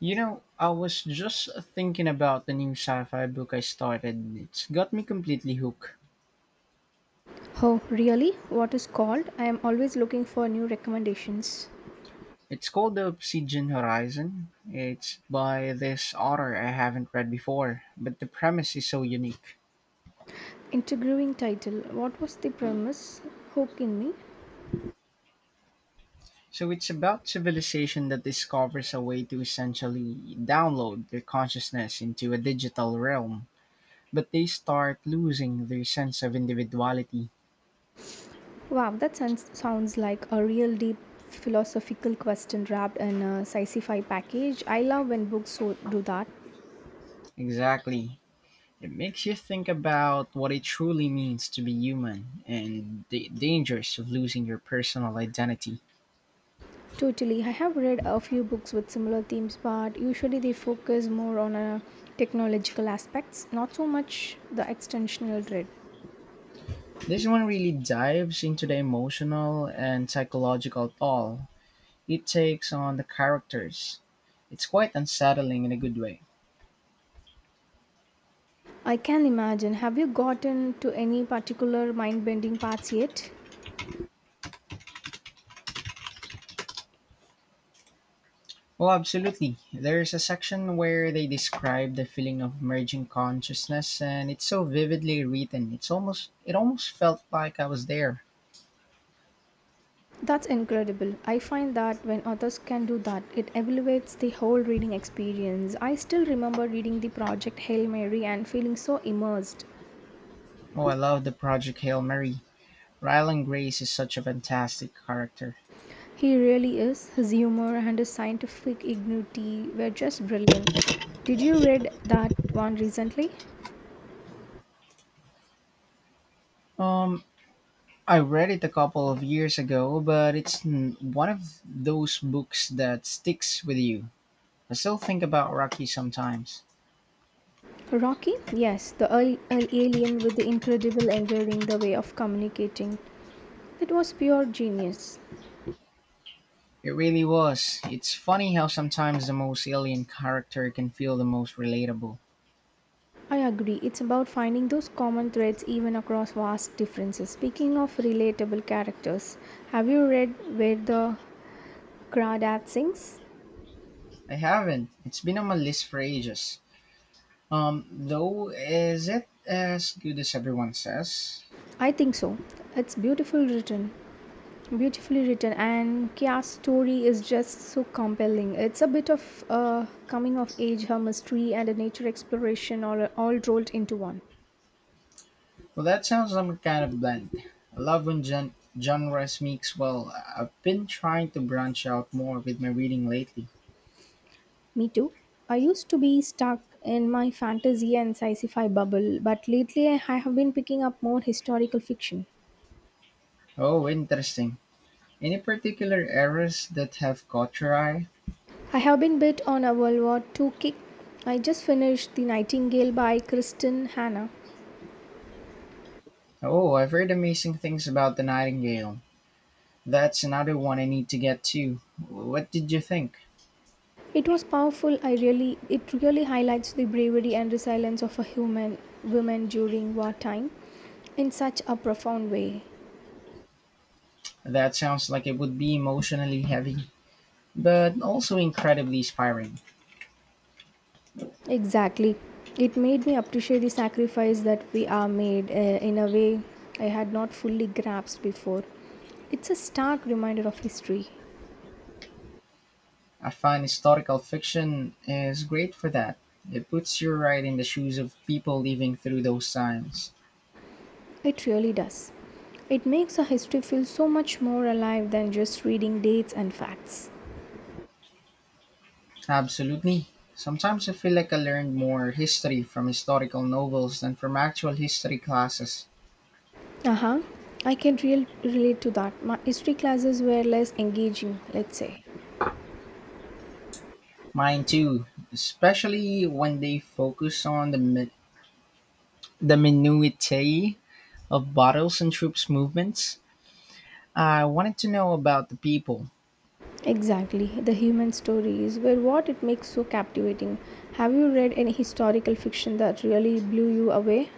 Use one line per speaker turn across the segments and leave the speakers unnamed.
You know, I was just thinking about the new sci-fi book I started. It's got me completely hooked.
Oh, really? What is called? I am always looking for new recommendations.
It's called The Obsidian Horizon. It's by this author I haven't read before, but the premise is so unique.
Interviewing title. What was the premise? Hook in me.
So it's about civilization that discovers a way to essentially download their consciousness into a digital realm, but they start losing their sense of individuality.
Wow, that sounds like a real deep philosophical question wrapped in a sci-fi package. I love when books so do that.
Exactly. It makes you think about what it truly means to be human and the dangers of losing your personal identity.
Totally. I have read a few books with similar themes, but usually they focus more on technological aspects, not so much the extensional dread.
This one really dives into the emotional and psychological toll it takes on the characters. It's quite unsettling in a good way.
I can imagine. Have you gotten to any particular mind bending parts yet?
Oh, absolutely. There's a section where they describe the feeling of merging consciousness and it's so vividly written. It almost felt like I was there.
That's incredible. I find that when others can do that, it elevates the whole reading experience. I still remember reading the Project Hail Mary and feeling so immersed.
Oh, I love the Project Hail Mary. Rylan Grace is such a fantastic character.
He really is. His humor and his scientific ingenuity were just brilliant. Did you read that one recently?
Um, I read it a couple of years ago, but it's one of those books that sticks with you. I still think about Rocky sometimes.
Rocky? Yes, the alien with the incredible enduring the way of communicating. That was pure genius.
It really was. It's funny how sometimes the most alien character can feel the most relatable.
I agree. It's about finding those common threads even across vast differences. Speaking of relatable characters, have you read Where the Crawdad Sings?
I haven't. It's been on my list for ages. Though, is it as good as everyone says?
I think so. It's beautifully written, and Kia's story is just so compelling. It's a bit of a coming of age, her mystery, and a nature exploration all rolled into one.
Well, that sounds like a kind of blend. I love when genres mix well. I've been trying to branch out more with my reading lately.
Me too. I used to be stuck in my fantasy and sci fi bubble, but lately I have been picking up more historical fiction.
Oh, interesting. Any particular eras that have caught your eye?
I have been bit on a World War II kick. I just finished The Nightingale by Kristen Hannah.
Oh, I've heard amazing things about The Nightingale. That's another one I need to get to. What did you think?
It was powerful. I really It really highlights the bravery and resilience of a human woman during wartime in such a profound way.
That sounds like it would be emotionally heavy, but also incredibly inspiring.
Exactly. It made me appreciate the sacrifice that we are made in a way I had not fully grasped before. It's a stark reminder of history.
I find historical fiction is great for that. It puts you right in the shoes of people living through those times.
It really does. It makes a history feel so much more alive than just reading dates and facts.
Absolutely. Sometimes I feel like I learned more history from historical novels than from actual history classes.
Aha, I can real relate to that. My history classes were less engaging, let's say.
Mine too, especially when they focus on the minutiae of battles and troops movements. I wanted to know about the people.
Exactly. The human stories were what it makes so captivating. Have you read any historical fiction that really blew you away?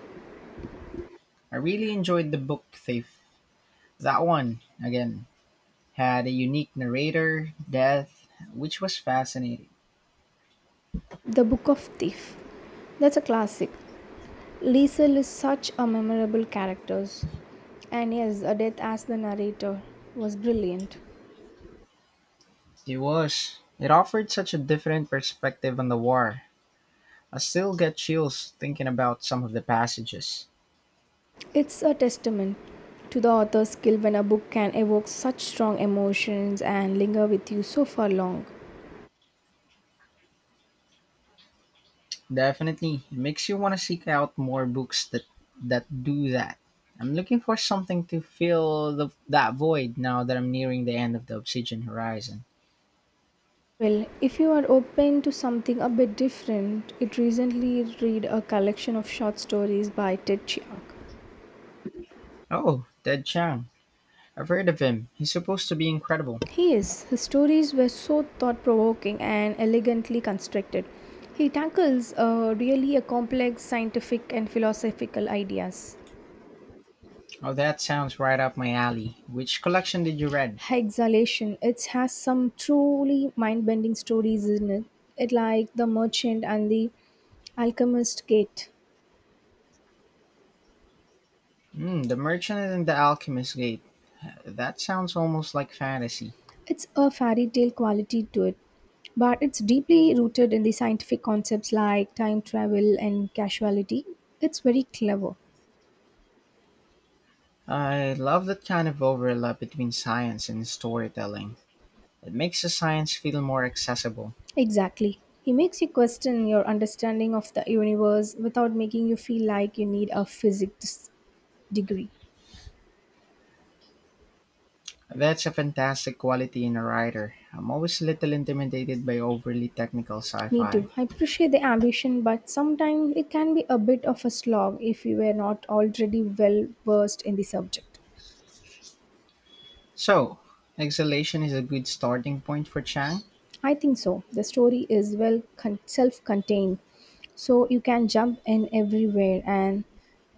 I really enjoyed the book thief. That one again. Had a unique narrator, death, which was fascinating.
The Book of Thief. That's a classic. Liesel is such a memorable character. And yes, Adeth as the narrator was brilliant.
It was. It offered such a different perspective on the war. I still get chills thinking about some of the passages.
It's a testament to the author's skill when a book can evoke such strong emotions and linger with you so far long.
Definitely, it makes you want to seek out more books that do that. I'm looking for something to fill that void now that I'm nearing the end of the Obsidian Horizon.
Well, if you are open to something a bit different, it recently read a collection of short stories by Ted Chiang.
Oh, Ted Chiang. I've heard of him. He's supposed to be incredible.
He is. His stories were so thought provoking and elegantly constructed. He tackles really a complex scientific and philosophical ideas.
Oh, that sounds right up my alley. Which collection did you read?
Exhalation. It has some truly mind-bending stories in it. It like The Merchant and The Alchemist Gate.
Hmm, the Merchant and the Alchemist's Gate. That sounds almost like fantasy.
It's a fairy tale quality to it, but it's deeply rooted in the scientific concepts like time travel and causality. It's very clever.
I love that kind of overlap between science and storytelling. It makes the science feel more accessible.
Exactly. He makes you question your understanding of the universe without making you feel like you need a physics degree.
That's a fantastic quality in a writer. I'm always a little intimidated by overly technical sci
Me
fi.
too. I appreciate the ambition, but sometimes it can be a bit of a slog if you were not already well versed in the subject.
So, Exhalation is a good starting point for Chang?
I think so. The story is self contained, so you can jump in everywhere, and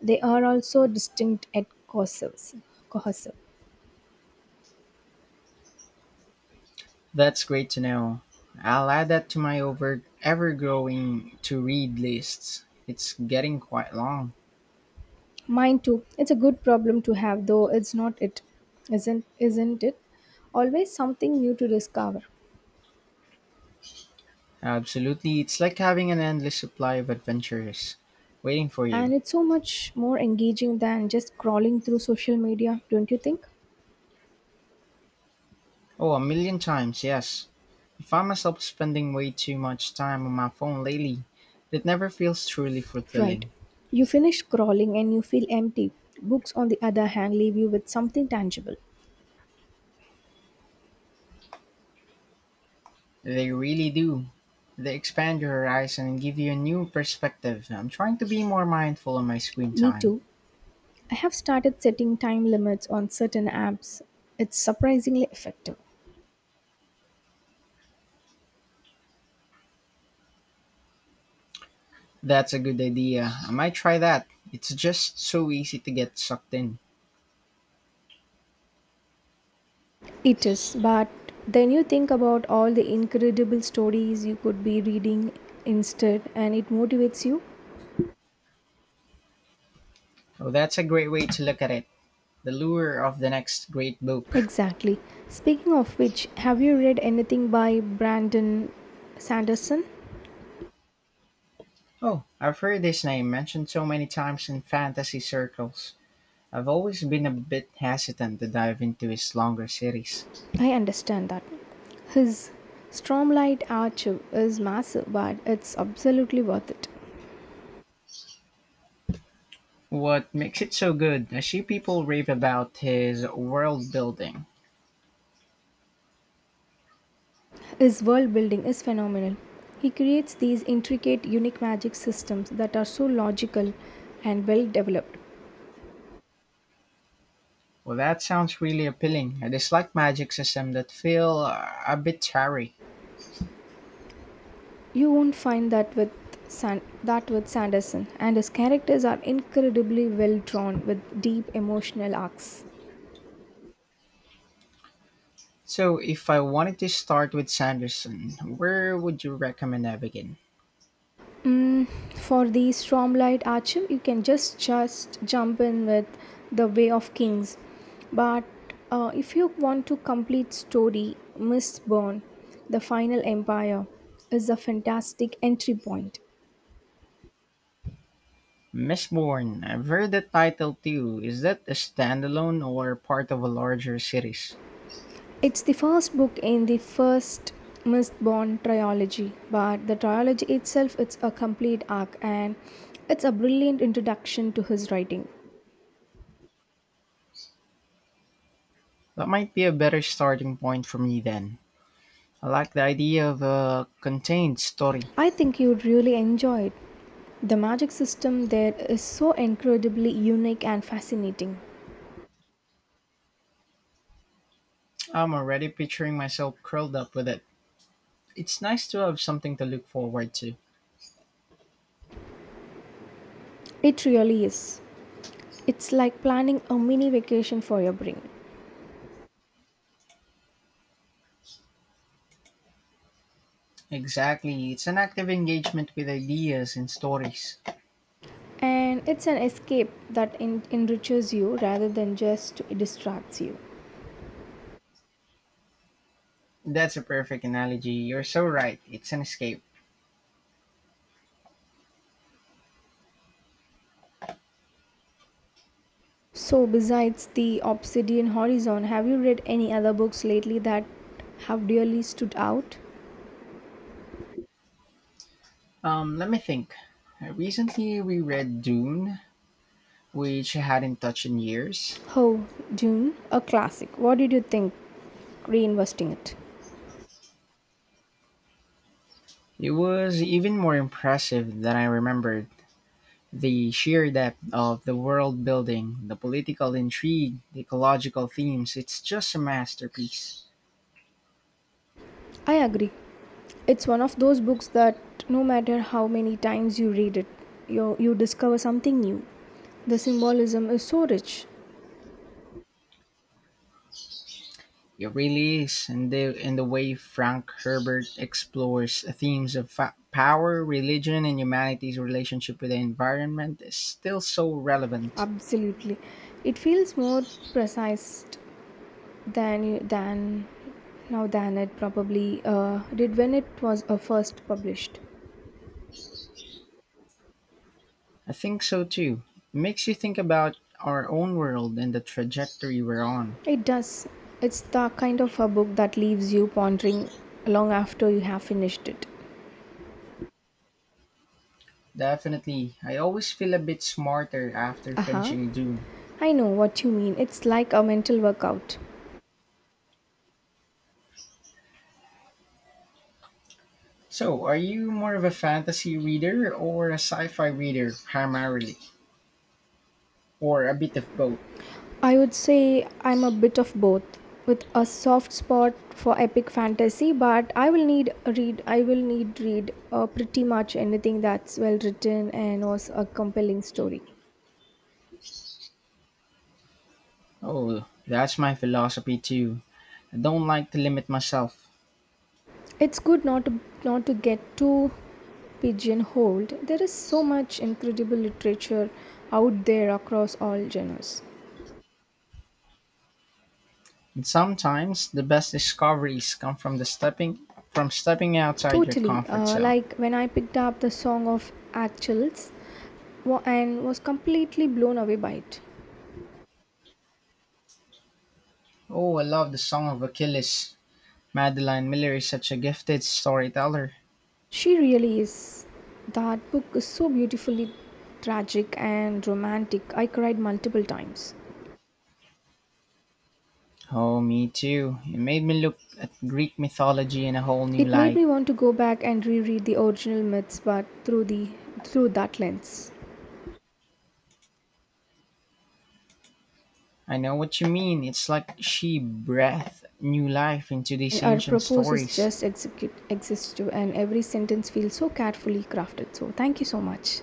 they are also distinct at courses. Cohesive.
That's great to know. I'll add that to my over ever growing to read lists. It's getting quite long.
Mine too. It's a good problem to have, though it's not it. Isn't it? Always something new to discover.
Absolutely. It's like having an endless supply of adventures waiting for you.
And it's so much more engaging than just crawling through social media, don't you think?
Oh, a million times, yes. I find myself spending way too much time on my phone lately. It never feels truly
Right.
fulfilling.
You finish crawling and you feel empty. Books, on the other hand, leave you with something tangible.
They really do. They expand your horizon and give you a new perspective. I'm trying to be more mindful on my screen
Me
time.
too. I have started setting time limits on certain apps. It's surprisingly effective.
That's a good idea. I might try that. It's just so easy to get sucked in.
It is, but then you think about all the incredible stories you could be reading instead, and it motivates you.
Oh, that's a great way to look at it. The lure of the next great book.
Exactly. Speaking of which, have you read anything by Brandon Sanderson?
Oh, I've heard this name mentioned so many times in fantasy circles. I've always been a bit hesitant to dive into his longer series.
I understand that. His Stormlight Archive is massive, but it's absolutely worth it.
What makes it so good? I see people rave about his world building.
His world building is phenomenal. He creates these intricate, unique magic systems that are so logical and well developed.
Well, that sounds really appealing. I dislike magic systems that feel a bit tarry.
You won't find that with San- that with Sanderson, and his characters are incredibly well drawn with deep emotional arcs.
So, if I wanted to start with Sanderson, where would you recommend I begin?
Mm, for the Stormlight Archer, you can just jump in with the Way of Kings. But if you want to complete story, Mistborn, the Final Empire, is a fantastic entry point.
Mistborn, I've heard the title too. Is that a standalone or part of a larger series?
It's the first book in the first Mistborn trilogy, but the trilogy itself it's a complete arc and it's a brilliant introduction to his writing.
That might be a better starting point for me then. I like the idea of a contained story.
I think you would really enjoy it. The magic system there is so incredibly unique and fascinating.
I'm already picturing myself curled up with it. It's nice to have something to look forward to.
It really is. It's like planning a mini vacation for your brain.
Exactly. It's an active engagement with ideas and stories.
And it's an escape that enriches you rather than just distracts you.
That's a perfect analogy. You're so right. It's an escape.
So, besides the Obsidian Horizon, have you read any other books lately that have really stood out?
Let me think. I recently reread Dune, which I hadn't touched in years.
Oh, Dune, a classic. What did you think reinvesting it?
It was even more impressive than I remembered. The sheer depth of the world building, the political intrigue, the ecological themes, it's just a masterpiece.
I agree. It's one of those books that no matter how many times you read it, you discover something new. The symbolism is so rich.
It really is. And the way Frank Herbert explores themes of power, religion, and humanity's relationship with the environment is still so relevant.
Absolutely. It feels more precise than now than it probably did when it was first published.
I think so too. It makes you think about our own world and the trajectory we're on.
It does. It's the kind of a book that leaves you pondering long after you have finished it.
Definitely. I always feel a bit smarter after
Aha.
finishing Dune.
I know what you mean. It's like a mental workout.
So, are you more of a fantasy reader or a sci-fi reader primarily, or a bit of both?
I would say I'm a bit of both, with a soft spot for epic fantasy, but I will need read pretty much anything that's well written and was a compelling story.
Oh, that's my philosophy too. I don't like to limit myself.
It's good not to get too pigeonholed. There is so much incredible literature out there across all genres.
And sometimes the best discoveries come from the stepping from stepping outside your
Totally,
comfort zone.
like when I picked up the Song of Achilles and was completely blown away by it.
Oh, I love the Song of Achilles. Madeline Miller is such a gifted storyteller.
She really is. That book is so beautifully tragic and romantic. I cried multiple times.
Oh, me too. It made me look at Greek mythology in a whole new
It made
light.
me want to go back and reread the original myths but through that lens.
I know what you mean. It's like she breathed new life into these
And her
ancient
propose is
stories.
just execute exhaustive and every sentence feels so carefully crafted. So thank you so much.